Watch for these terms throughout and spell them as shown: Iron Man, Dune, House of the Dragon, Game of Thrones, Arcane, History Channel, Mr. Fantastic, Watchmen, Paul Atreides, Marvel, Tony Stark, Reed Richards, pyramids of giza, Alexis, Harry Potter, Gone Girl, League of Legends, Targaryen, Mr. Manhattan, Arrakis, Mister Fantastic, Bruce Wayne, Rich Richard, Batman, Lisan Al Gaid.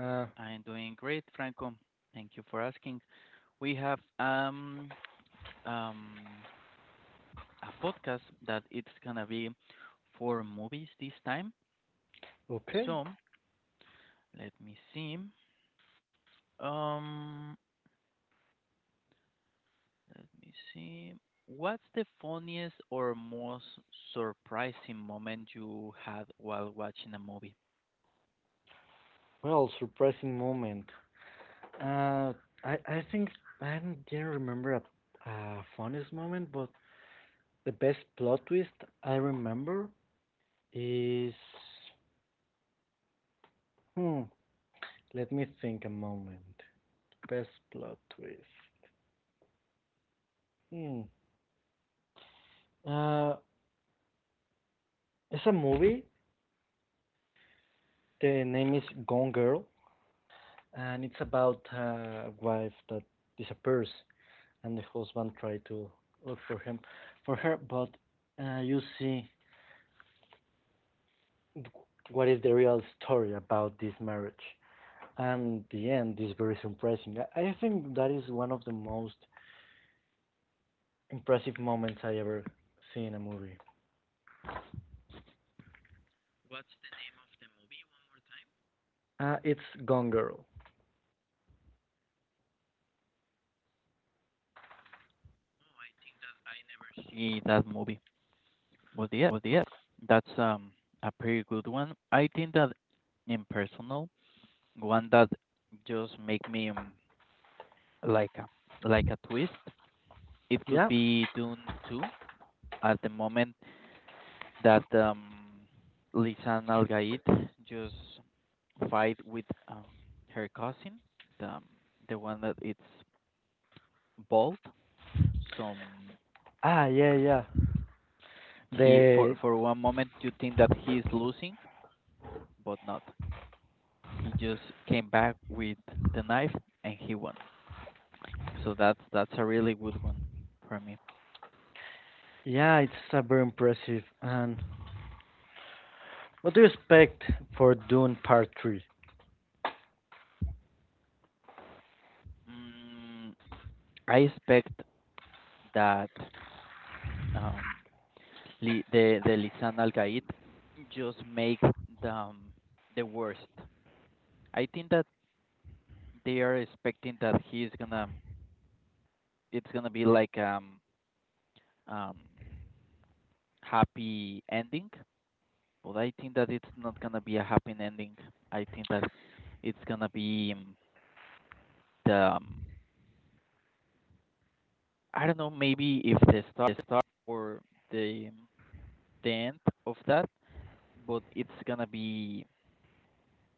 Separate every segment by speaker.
Speaker 1: Uh,
Speaker 2: I'm doing great, Franco. Thank you for asking. We have um a podcast that it's gonna be for movies this time.
Speaker 1: Okay.
Speaker 2: So let me see. Um, let me see. What's the funniest or most surprising moment you had while watching a movie?
Speaker 1: Well, surprising moment. Uh, I think I don't- didn't remember a funniest moment, but the best plot twist I remember is hmm. Let me think a moment. Best plot twist. Hmm. Uh, it's a movie. The name is Gone Girl, and it's about a wife that disappears and the husband tried to look for him for her but you see what is the real story about this marriage, and the end is very surprising. Think that is one of the most impressive moments I ever see in a movie.
Speaker 2: What's the name of the movie one more time?
Speaker 1: It's Gone Girl.
Speaker 2: Oh, I think that I never see that movie. Was the it was it.
Speaker 1: Okay.
Speaker 2: That's a pretty good one. I think that impersonal one that just make me like a twist. It could
Speaker 1: Yeah.
Speaker 2: be Dune 2 at the moment that Lisan Al Gaid just fight with her cousin, the um, the one that it's bald. So
Speaker 1: Ah, yeah, yeah,
Speaker 2: mm, he for
Speaker 1: the
Speaker 2: for one moment you think that he is losing, but not. He just came back with the knife and he won. So that's a really good one for me.
Speaker 1: yeah. It's very impressive. And what do you expect for Dune part 3?
Speaker 2: Mm, I expect that um, the Lisan Al Gaid just make the um, the worst. I think that they are expecting that he's gonna it's gonna be like um happy ending, but I think that it's not gonna be a happy ending. I think that it's gonna be the I don't know, maybe if the start, the start or the the end of that, but it's gonna be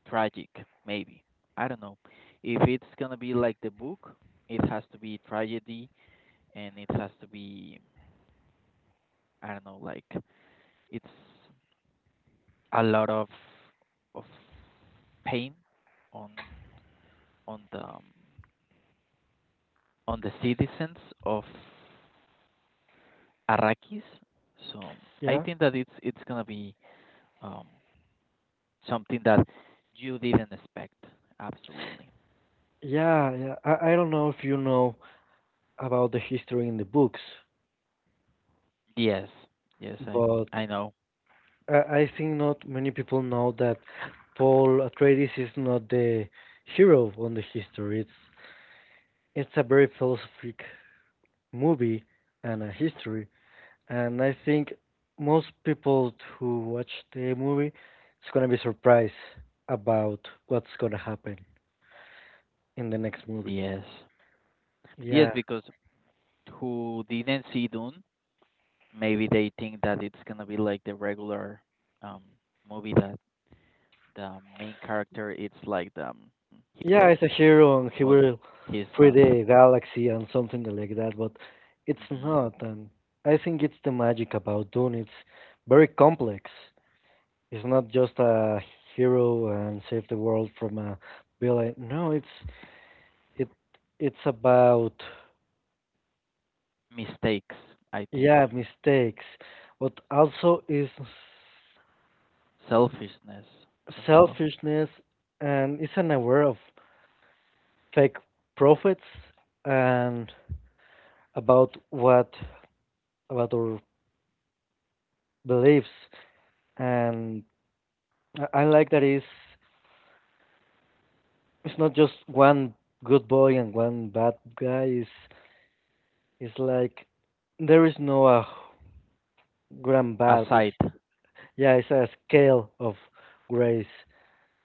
Speaker 2: tragic, maybe. I don't know. If it's gonna be like the book, it has to be tragedy and it has to be I don't know, like it's a lot of pain on on the on the citizens of Arrakis. So I
Speaker 1: Yeah.
Speaker 2: think that it's gonna be um something that you didn't expect. Absolutely.
Speaker 1: Yeah, yeah. I don't know if you know about the history in the books,
Speaker 2: Yes. Yes,
Speaker 1: but
Speaker 2: I know.
Speaker 1: I, I think not many people know that Paul Atreides is not the hero on the history. It's a very philosophic movie and a history, and I think most people who watch the movie is gonna be surprised about what's gonna happen in the next movie.
Speaker 2: Yes. Yes,
Speaker 1: Yeah.
Speaker 2: because who didn't see Dune, maybe they think that it's gonna be like the regular um movie that the main character it's like the
Speaker 1: Yeah,
Speaker 2: hero,
Speaker 1: he's a hero and he
Speaker 2: but
Speaker 1: will
Speaker 2: he's
Speaker 1: free
Speaker 2: not.
Speaker 1: the galaxy and something like that, but it's
Speaker 2: Hmm.
Speaker 1: not. And I think it's the magic about Dune. It's very complex. It's not just a hero and save the world from a villain. No, it it's about
Speaker 2: Mistakes, I think.
Speaker 1: yeah mistakes, but also is
Speaker 2: Selfishness as well.
Speaker 1: selfishness and is unaware of fake prophets and about what about our beliefs. And I like that is it's not just one good boy and one bad guy. It's like there is no grand bad. It's
Speaker 2: Aside.
Speaker 1: Yeah, it's a scale of grays.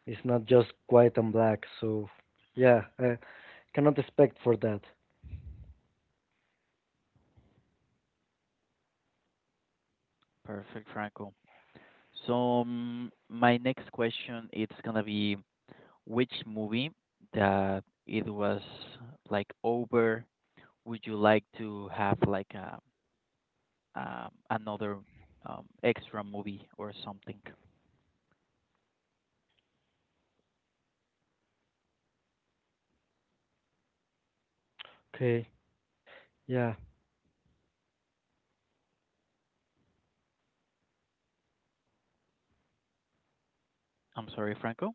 Speaker 1: It's not just white and black. So yeah,
Speaker 2: Mhm.
Speaker 1: I cannot expect for that.
Speaker 2: Perfect, Franco. So mm, my next question it's gonna be which movie that it was like over would you like to have like a another extra movie or something?
Speaker 1: Okay. Yeah.
Speaker 2: I'm sorry, Franco.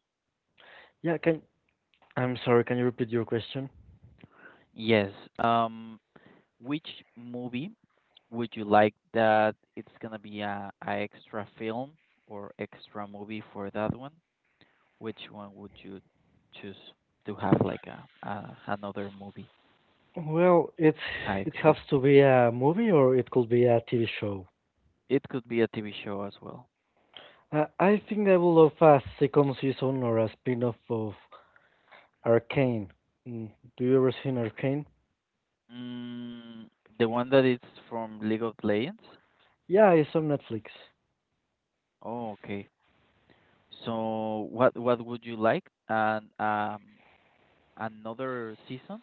Speaker 1: Yeah can I'm sorry, can you repeat your question?
Speaker 2: Yes. Um, which movie would you like that it's gonna be a extra film or extra movie for that one? Which one would you choose to have like a another movie
Speaker 1: Well, it's
Speaker 2: a
Speaker 1: it has
Speaker 2: extra?
Speaker 1: to be a movie or it could be a TV show.
Speaker 2: It could be a TV show as well.
Speaker 1: I think I would love a second season or a spin-off of Arcane. Mm, do you ever seen Arcane?
Speaker 2: Mm, the one that is from League of Legends.
Speaker 1: Yeah, it's on Netflix.
Speaker 2: Oh, okay. So what would you like? And another season?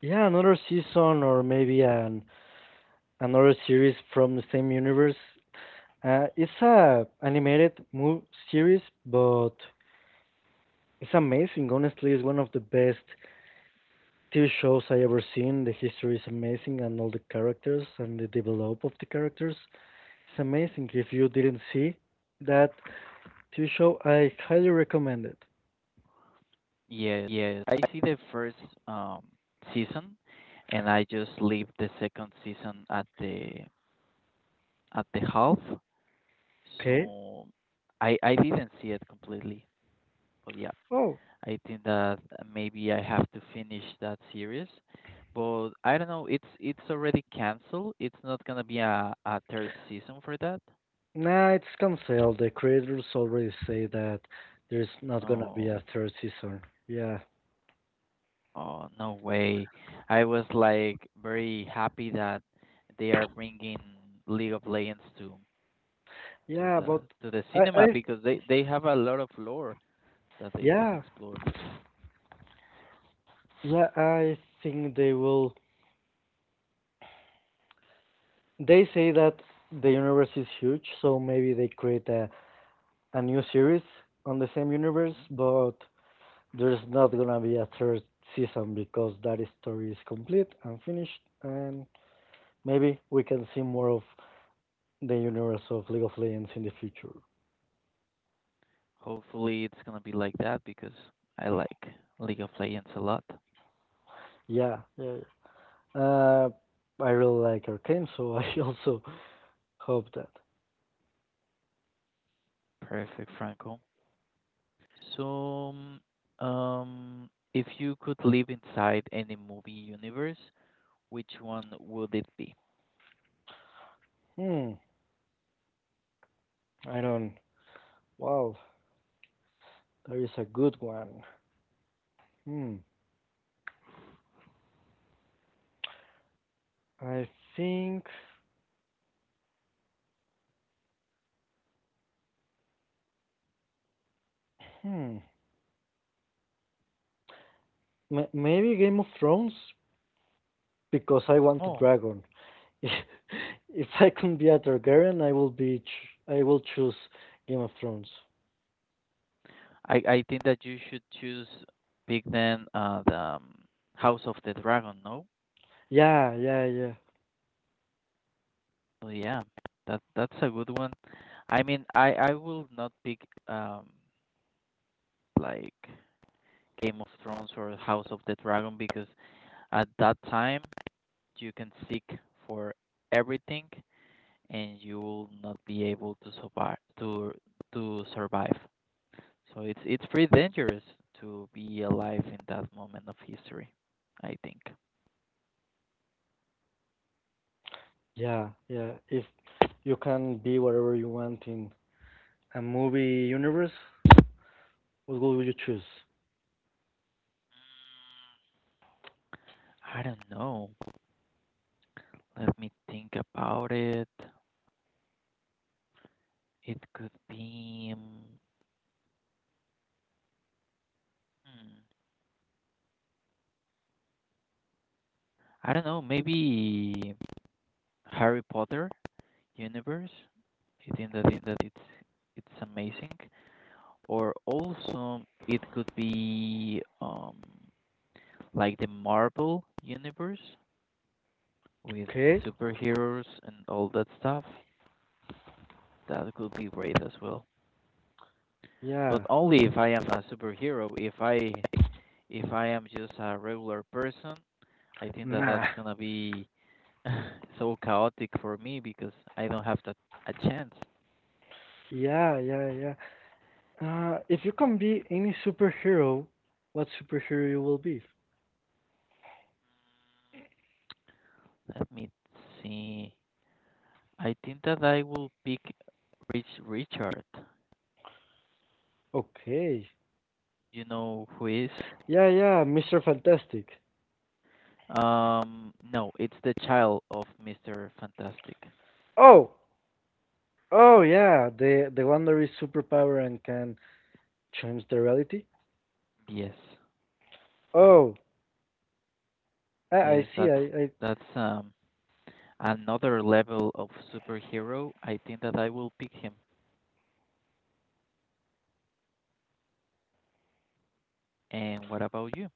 Speaker 1: Yeah, another season or maybe an another series from the same universe. It's a animated movie series, but it's amazing. Honestly, it's one of the best TV shows I ever seen. The history is amazing, and all the characters and the develop of the characters. It's amazing. If you didn't see that TV show, I highly recommend it.
Speaker 2: Yes. Yes. I see the first um season, and I just leave the second season at the half.
Speaker 1: Okay.
Speaker 2: So I didn't see it completely, but yeah.
Speaker 1: Oh,
Speaker 2: I think that maybe I have to finish that series. But I don't know, it's already canceled. It's not gonna be a third season for that.
Speaker 1: nah, it's canceled. The creators already say that there's not gonna be
Speaker 2: Oh,
Speaker 1: a third season. Yeah,
Speaker 2: oh no way. I was like very happy that they are bringing League of Legends to
Speaker 1: yeah,
Speaker 2: the
Speaker 1: but
Speaker 2: to the
Speaker 1: I,
Speaker 2: cinema
Speaker 1: I,
Speaker 2: because they have a lot of lore that they can
Speaker 1: yeah,
Speaker 2: explore.
Speaker 1: yeah, I think they will. They say that the universe is huge, so maybe they create a new series on the same universe,
Speaker 2: Hmm.
Speaker 1: but there's not gonna be a third season because that story is complete and finished, and maybe we can see more of the universe of League of Legends in the future.
Speaker 2: Hopefully it's gonna be like that because I like League of Legends a lot.
Speaker 1: Yeah, yeah. Yeah. I really like Arcane, so I also hope that.
Speaker 2: Perfect, Franco. So, if you could live inside any movie universe, which one would it be?
Speaker 1: Hmm. I don't. Wow, there is a good one. Hmm. I think. Hmm. Maybe Game of Thrones because I want a
Speaker 2: Oh,
Speaker 1: dragon. If I can be a Targaryen, I will be. I will choose Game of Thrones.
Speaker 2: I think that you should choose Big then the House of the Dragon, no?
Speaker 1: Yeah, yeah, yeah,
Speaker 2: So yeah, that that's a good one. I mean, I will not pick um like Game of Thrones or House of the Dragon because at that time you can seek for everything and you will not be able to survive to survive. So it's pretty dangerous to be alive in that moment of history, I think.
Speaker 1: yeah, yeah. If you can be whatever you want in a movie universe, what would you choose?
Speaker 2: I don't know. Let me think about it. It could be hmm, I don't know, maybe Harry Potter universe. I think that that it's amazing. Or also it could be like the Marvel universe. With
Speaker 1: Okay.
Speaker 2: superheroes and all that stuff, that could be great as well. But
Speaker 1: Yeah.
Speaker 2: only if I am a superhero. If I am just a regular person, I think that
Speaker 1: Nah.
Speaker 2: that's gonna be so chaotic for me because I don't have that a chance.
Speaker 1: Yeah, yeah, yeah. If you can be any superhero, what superhero you will be?
Speaker 2: Let me see. I think that I will pick Richard.
Speaker 1: Okay.
Speaker 2: You know who is?
Speaker 1: Yeah, yeah, Mr. Fantastic.
Speaker 2: No, it's the child of Mister Fantastic.
Speaker 1: Oh, oh yeah, the one that is superpower and can change the reality.
Speaker 2: Yes.
Speaker 1: Oh, I
Speaker 2: Yes,
Speaker 1: see.
Speaker 2: that's that's another level of superhero. I think that I will pick him. And what about you?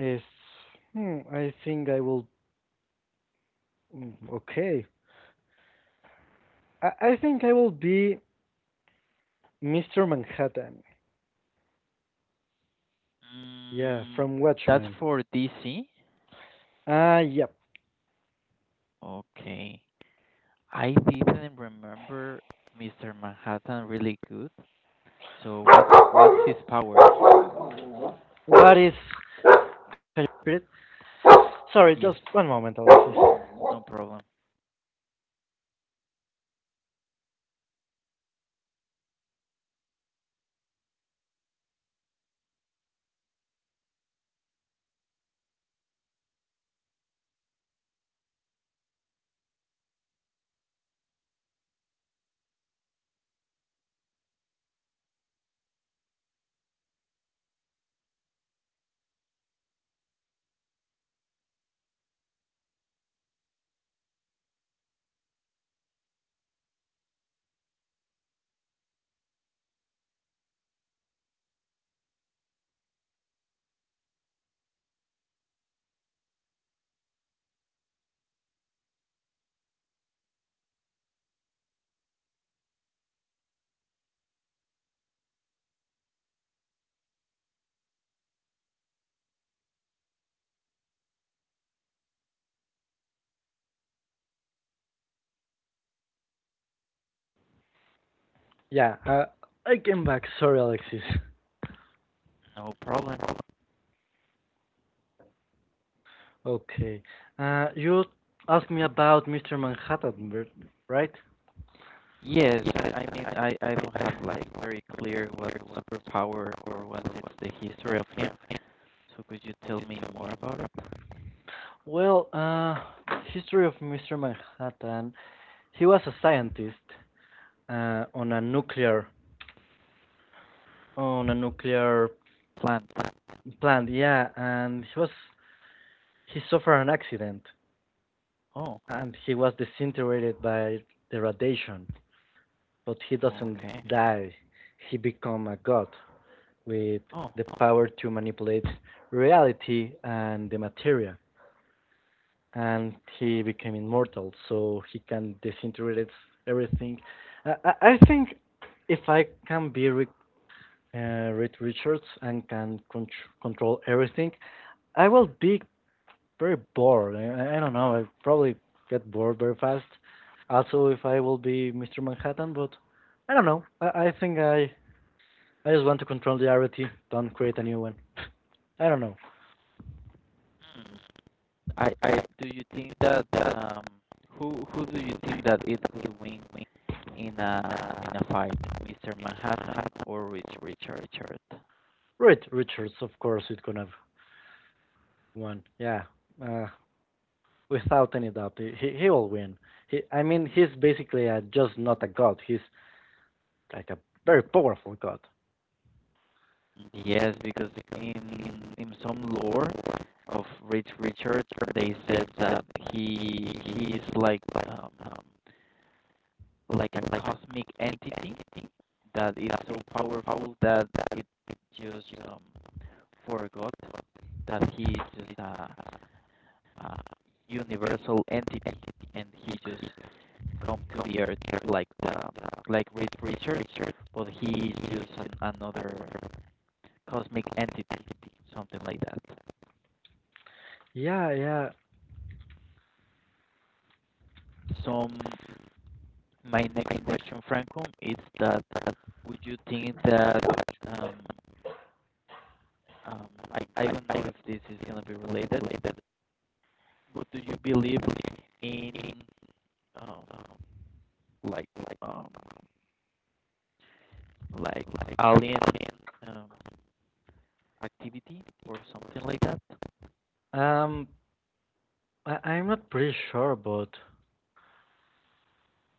Speaker 1: I is I think I will. Okay, I think I will be Mr. Manhattan. Yeah,
Speaker 2: Mm,
Speaker 1: from
Speaker 2: that's
Speaker 1: Watchmen.
Speaker 2: for DC.
Speaker 1: Ah, yep.
Speaker 2: Okay. I didn't remember Mr. Manhattan really good. So what's his power?
Speaker 1: What is? Can you repeat it? Sorry, just one
Speaker 2: Yes.
Speaker 1: moment, Alexis.
Speaker 2: No problem.
Speaker 1: Yeah, I came back. Sorry, Alexis.
Speaker 2: No problem.
Speaker 1: Okay. You asked me about Mr. Manhattan, right?
Speaker 2: Yes, I mean I don't have like very clear what superpower or what is the history of him. So could you tell me more about it?
Speaker 1: Well, history of Mr. Manhattan. He was a scientist on a nuclear on a nuclear
Speaker 2: Plan.
Speaker 1: plant. Yeah, and he suffered an accident
Speaker 2: Oh,
Speaker 1: and he was disintegrated by the radiation. But he doesn't
Speaker 2: okay.
Speaker 1: die. He become a god with
Speaker 2: Oh,
Speaker 1: the power to manipulate reality and the material. And he became immortal, so he can disintegrate everything. I think if I can be Rick, Reed Richards, and can control everything, I will be very bored. I don't know. I probably get bored very fast. Also, if I will be Mr. Manhattan, but I don't know. I think I just want to control the rarity. Don't create a new one. I don't know.
Speaker 2: hmm. Do you think that who do you think that it will win in a fight, Mr. Manhattan or Rich Richard?
Speaker 1: Reed Richards, of course, it could have won. Yeah, uh, without any doubt, he will win. He, I mean, he's basically just not a god. He's like a very powerful god.
Speaker 2: Yes, because in some lore of Rich Richard, they said that he is like a cosmic entity that is so powerful that it, it just forgot that he's just a universal entity, and he just come to the earth like uh, like Reed Richards, but he's just an, another cosmic entity, something like that.
Speaker 1: Yeah, yeah.
Speaker 2: So my next question, Franco, is that would you think that um, I don't know if this is gonna be related, but do you believe in um, like like um, like alien um, activity or something like that.
Speaker 1: Um, I'm not pretty sure, but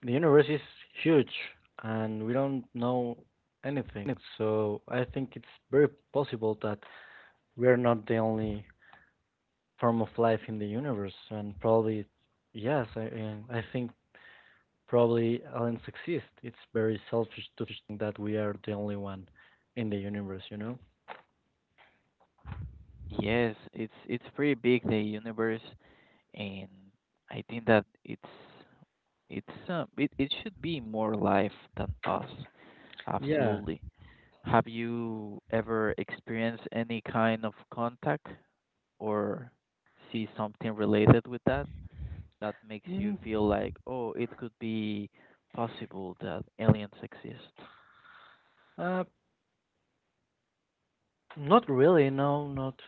Speaker 1: the universe is huge, and we don't know anything. So I think it's very possible that we're not the only form of life in the universe, and probably yes, I and I think probably aliens exist. It's very selfish to think that we are the only one in the universe, you know?
Speaker 2: Yes, it's pretty big the universe, and I think that it's it it should be more life than us.
Speaker 1: Yeah.
Speaker 2: Absolutely. Have you ever experienced any kind of contact or see something related with that that makes you
Speaker 1: Mm,
Speaker 2: feel like, oh, it could be possible that aliens exist?
Speaker 1: uh, not really. No, not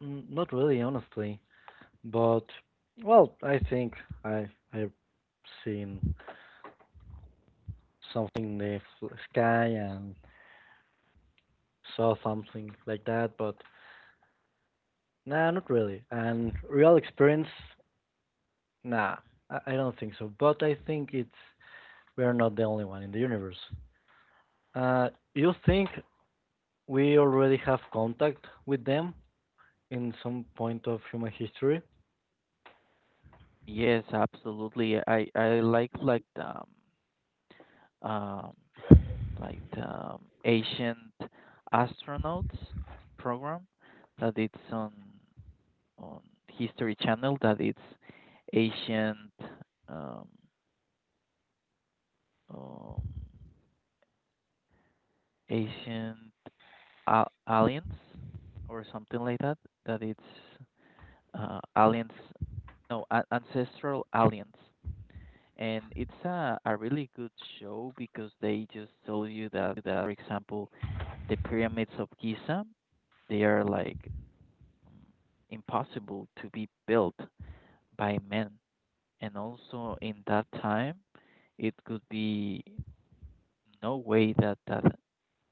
Speaker 1: not really, honestly. But well, I think I've seen something in the sky and saw something like that, but nah, not really. And real experience nah, I don't think so. But I think it's we are not the only one in the universe. Uh, you think we already have contact with them in some point of human history?
Speaker 2: Yes, absolutely. I um like the ancient astronauts program that it's on History Channel that it's ancient um um ancient a aliens or something like that that it's aliens no a ancestral aliens and it's a really good show because they just tell you that, that for example the pyramids of giza they are like mm, impossible to be built by men and also in that time it could be no way that that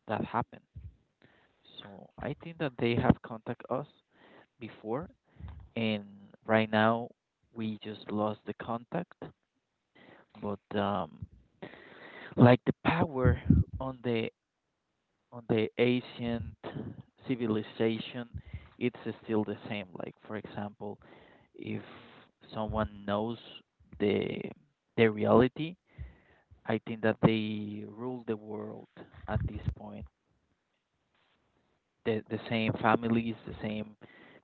Speaker 2: that happened so I think that they have contact us before and right now we just lost the contact but like the power on the on the ancient civilization, it's still the same. Like for example, if someone knows the the reality, I think that they rule the world at this point. The same families, the same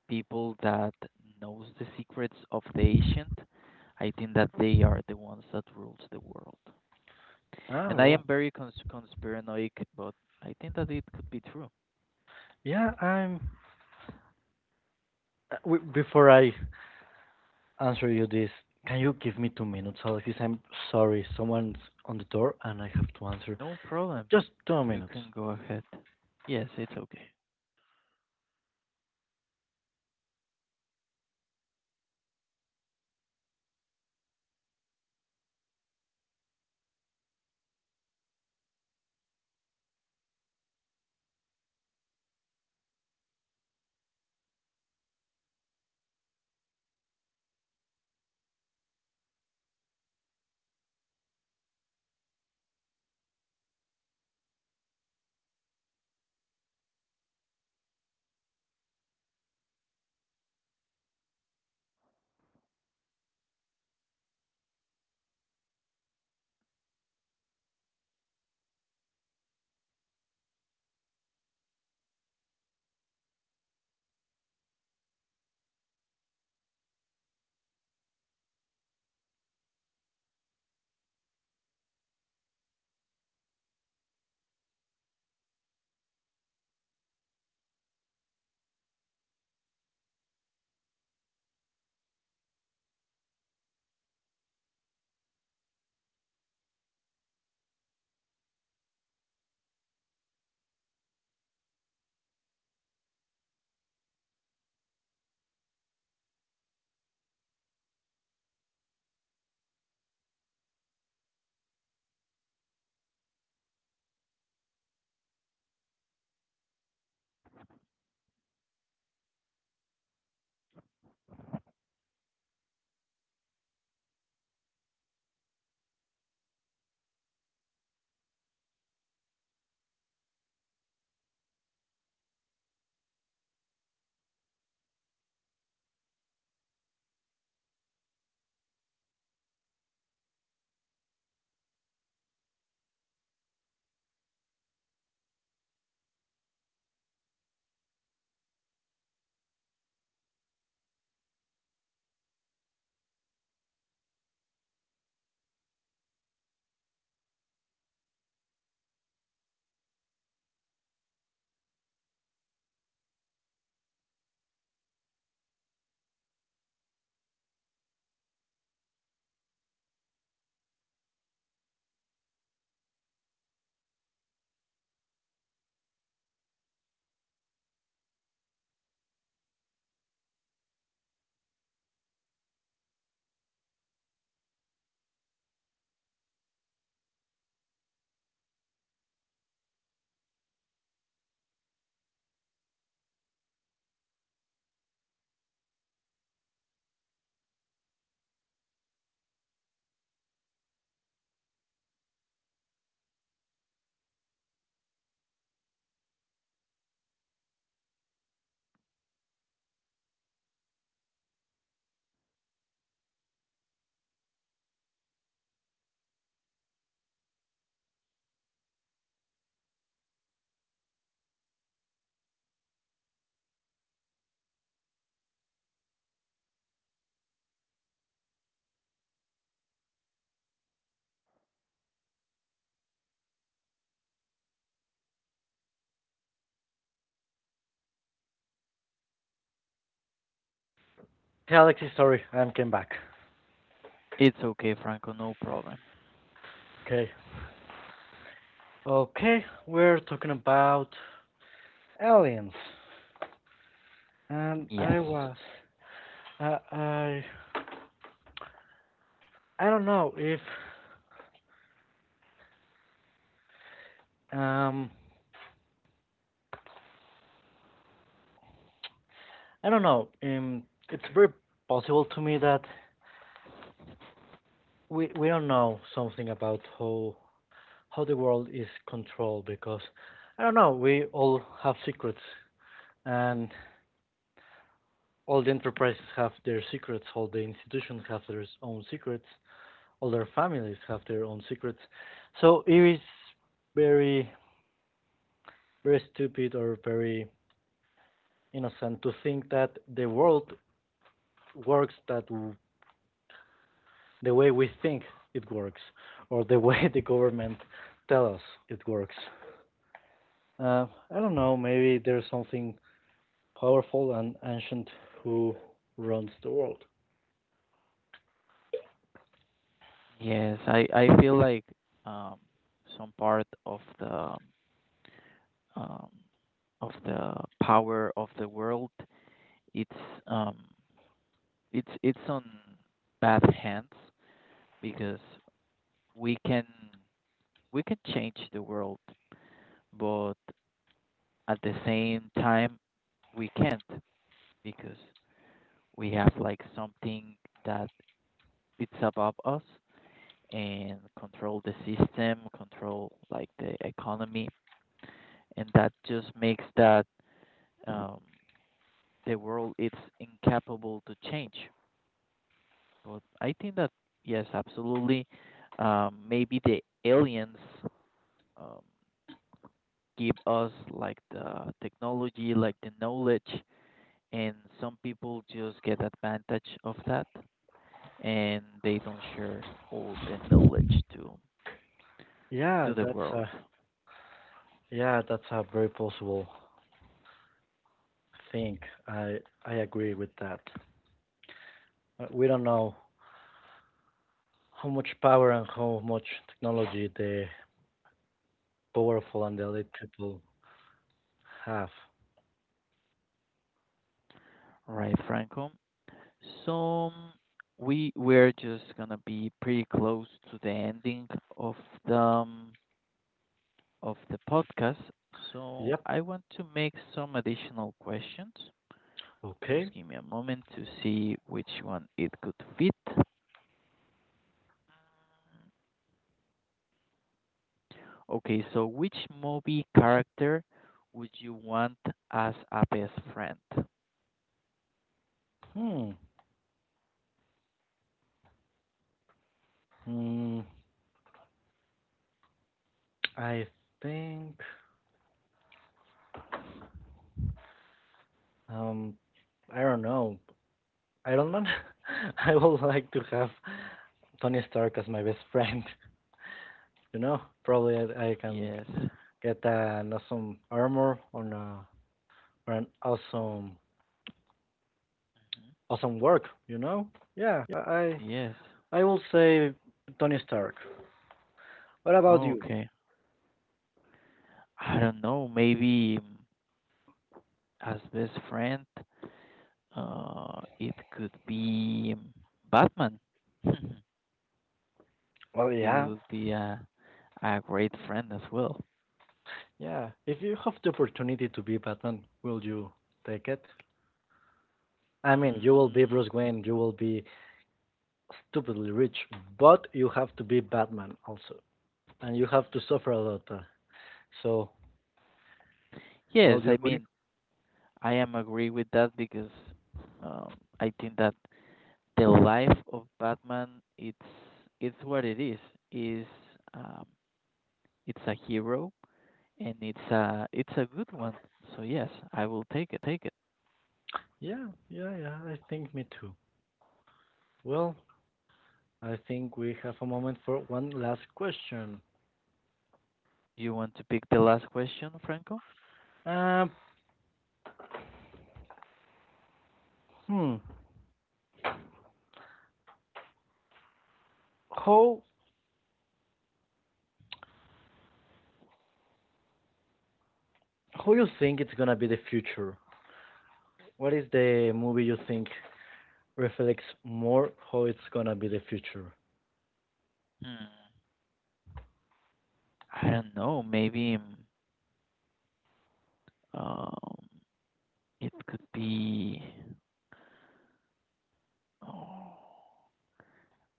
Speaker 2: people that knows the secrets of the ancient. I think that they are the ones that rules the world.
Speaker 1: Ah,
Speaker 2: And I am
Speaker 1: well,
Speaker 2: very conspiranoic, but I think that it could be true.
Speaker 1: yeah. I'm. Before I answer you this, can you give me 2 minutes, Alexis? I'm sorry, someone's on the door and I have to answer.
Speaker 2: No problem.
Speaker 1: Just two
Speaker 2: You
Speaker 1: minutes.
Speaker 2: can go ahead. Yes, it's okay.
Speaker 1: Hey, Alexis, sorry, I am came back.
Speaker 2: It's okay, Franco, no problem.
Speaker 1: Okay. Okay, we're talking about aliens. And
Speaker 2: Yes.
Speaker 1: I was I I I don't know if um I don't know. It's very possible to me that we don't know something about how the world is controlled because I don't know. We all have secrets, and all the enterprises have their secrets. All the institutions have their own secrets. All their families have their own secrets. So it is very very stupid or very innocent to think that the world works that the way we think it works or the way the government tells us it works. Uh, I don't know, maybe there's something powerful and ancient who runs the world.
Speaker 2: Yes, I feel like um some part um of the power of the world it's um it's on bad hands because we can we can change the world but at the same time we can't because we have like something that it's above us and control the system, control like the economy, and that just makes that um, the world it's incapable to change. But I think that yes, absolutely, maybe the aliens um, give us like the technology, like the knowledge, and some people just get advantage of that, and they don't share all the knowledge to
Speaker 1: Yeah,
Speaker 2: the
Speaker 1: that's
Speaker 2: world.
Speaker 1: a yeah, that's a very possible thing. I I agree with that. We don't know how much power and how much technology the powerful and the elite people have.
Speaker 2: Right, Franco. So we're just gonna be pretty close to the ending of the um, of the podcast. So
Speaker 1: Yep.
Speaker 2: I want to make some additional questions.
Speaker 1: Okay.
Speaker 2: Just give me a moment to see which one it could fit. Okay, so which movie character would you want as a best friend?
Speaker 1: Hmm. Mm, I think Um, I don't know. Iron Man. I would like to have Tony Stark as my best friend. You know, probably I can
Speaker 2: Yes.
Speaker 1: get an awesome armor on a or an awesome
Speaker 2: Mhm.
Speaker 1: work. You know? Yeah.
Speaker 2: Yes.
Speaker 1: I will say Tony Stark. What about you?
Speaker 2: Okay. I don't know, maybe mm, as best friend. It could be Batman.
Speaker 1: Well,
Speaker 2: It
Speaker 1: yeah,
Speaker 2: would be a great friend as well.
Speaker 1: yeah. If you have the opportunity to be Batman, will you take it? I mean, you will be
Speaker 2: Mm,
Speaker 1: Bruce Wayne. You will be stupidly rich, but you have to be Batman also. And you have to suffer a lot. So, well,
Speaker 2: yes,
Speaker 1: you
Speaker 2: I
Speaker 1: agree?
Speaker 2: mean I am agree with that because um, I think that the life of Batman it's it's what it is. Is um, it's a hero and it's a good one. So yes, I will take it.
Speaker 1: Yeah, yeah, yeah. I think me too. Well, I think we have a moment for one last question.
Speaker 2: You want to pick the last question, Franco?
Speaker 1: Uh, hmm. How you think it's gonna be the future? What is the movie you think reflects more how it's gonna be the future?
Speaker 2: Hmm. I don't know. Maybe. Mm, Um, it could be. Oh,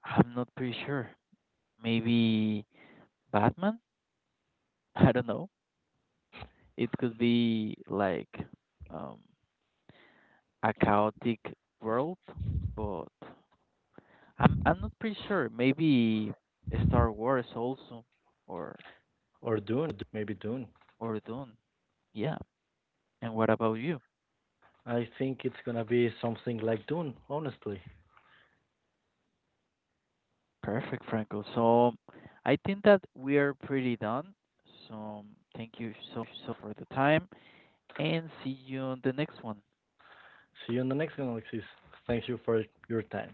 Speaker 2: I'm not pretty sure. Maybe Batman? I don't know. It could be like um, a chaotic world, but I'm not pretty sure. Maybe Star Wars also, or
Speaker 1: Or Dune? Maybe Dune.
Speaker 2: or Dune. Yeah. And what about you?
Speaker 1: I think it's gonna be something like Dune. Honestly.
Speaker 2: Perfect, Franco. So I think that we are pretty done. So thank you so so for the time. And see you on the next one.
Speaker 1: See you in the next analysis. Thank you for your time.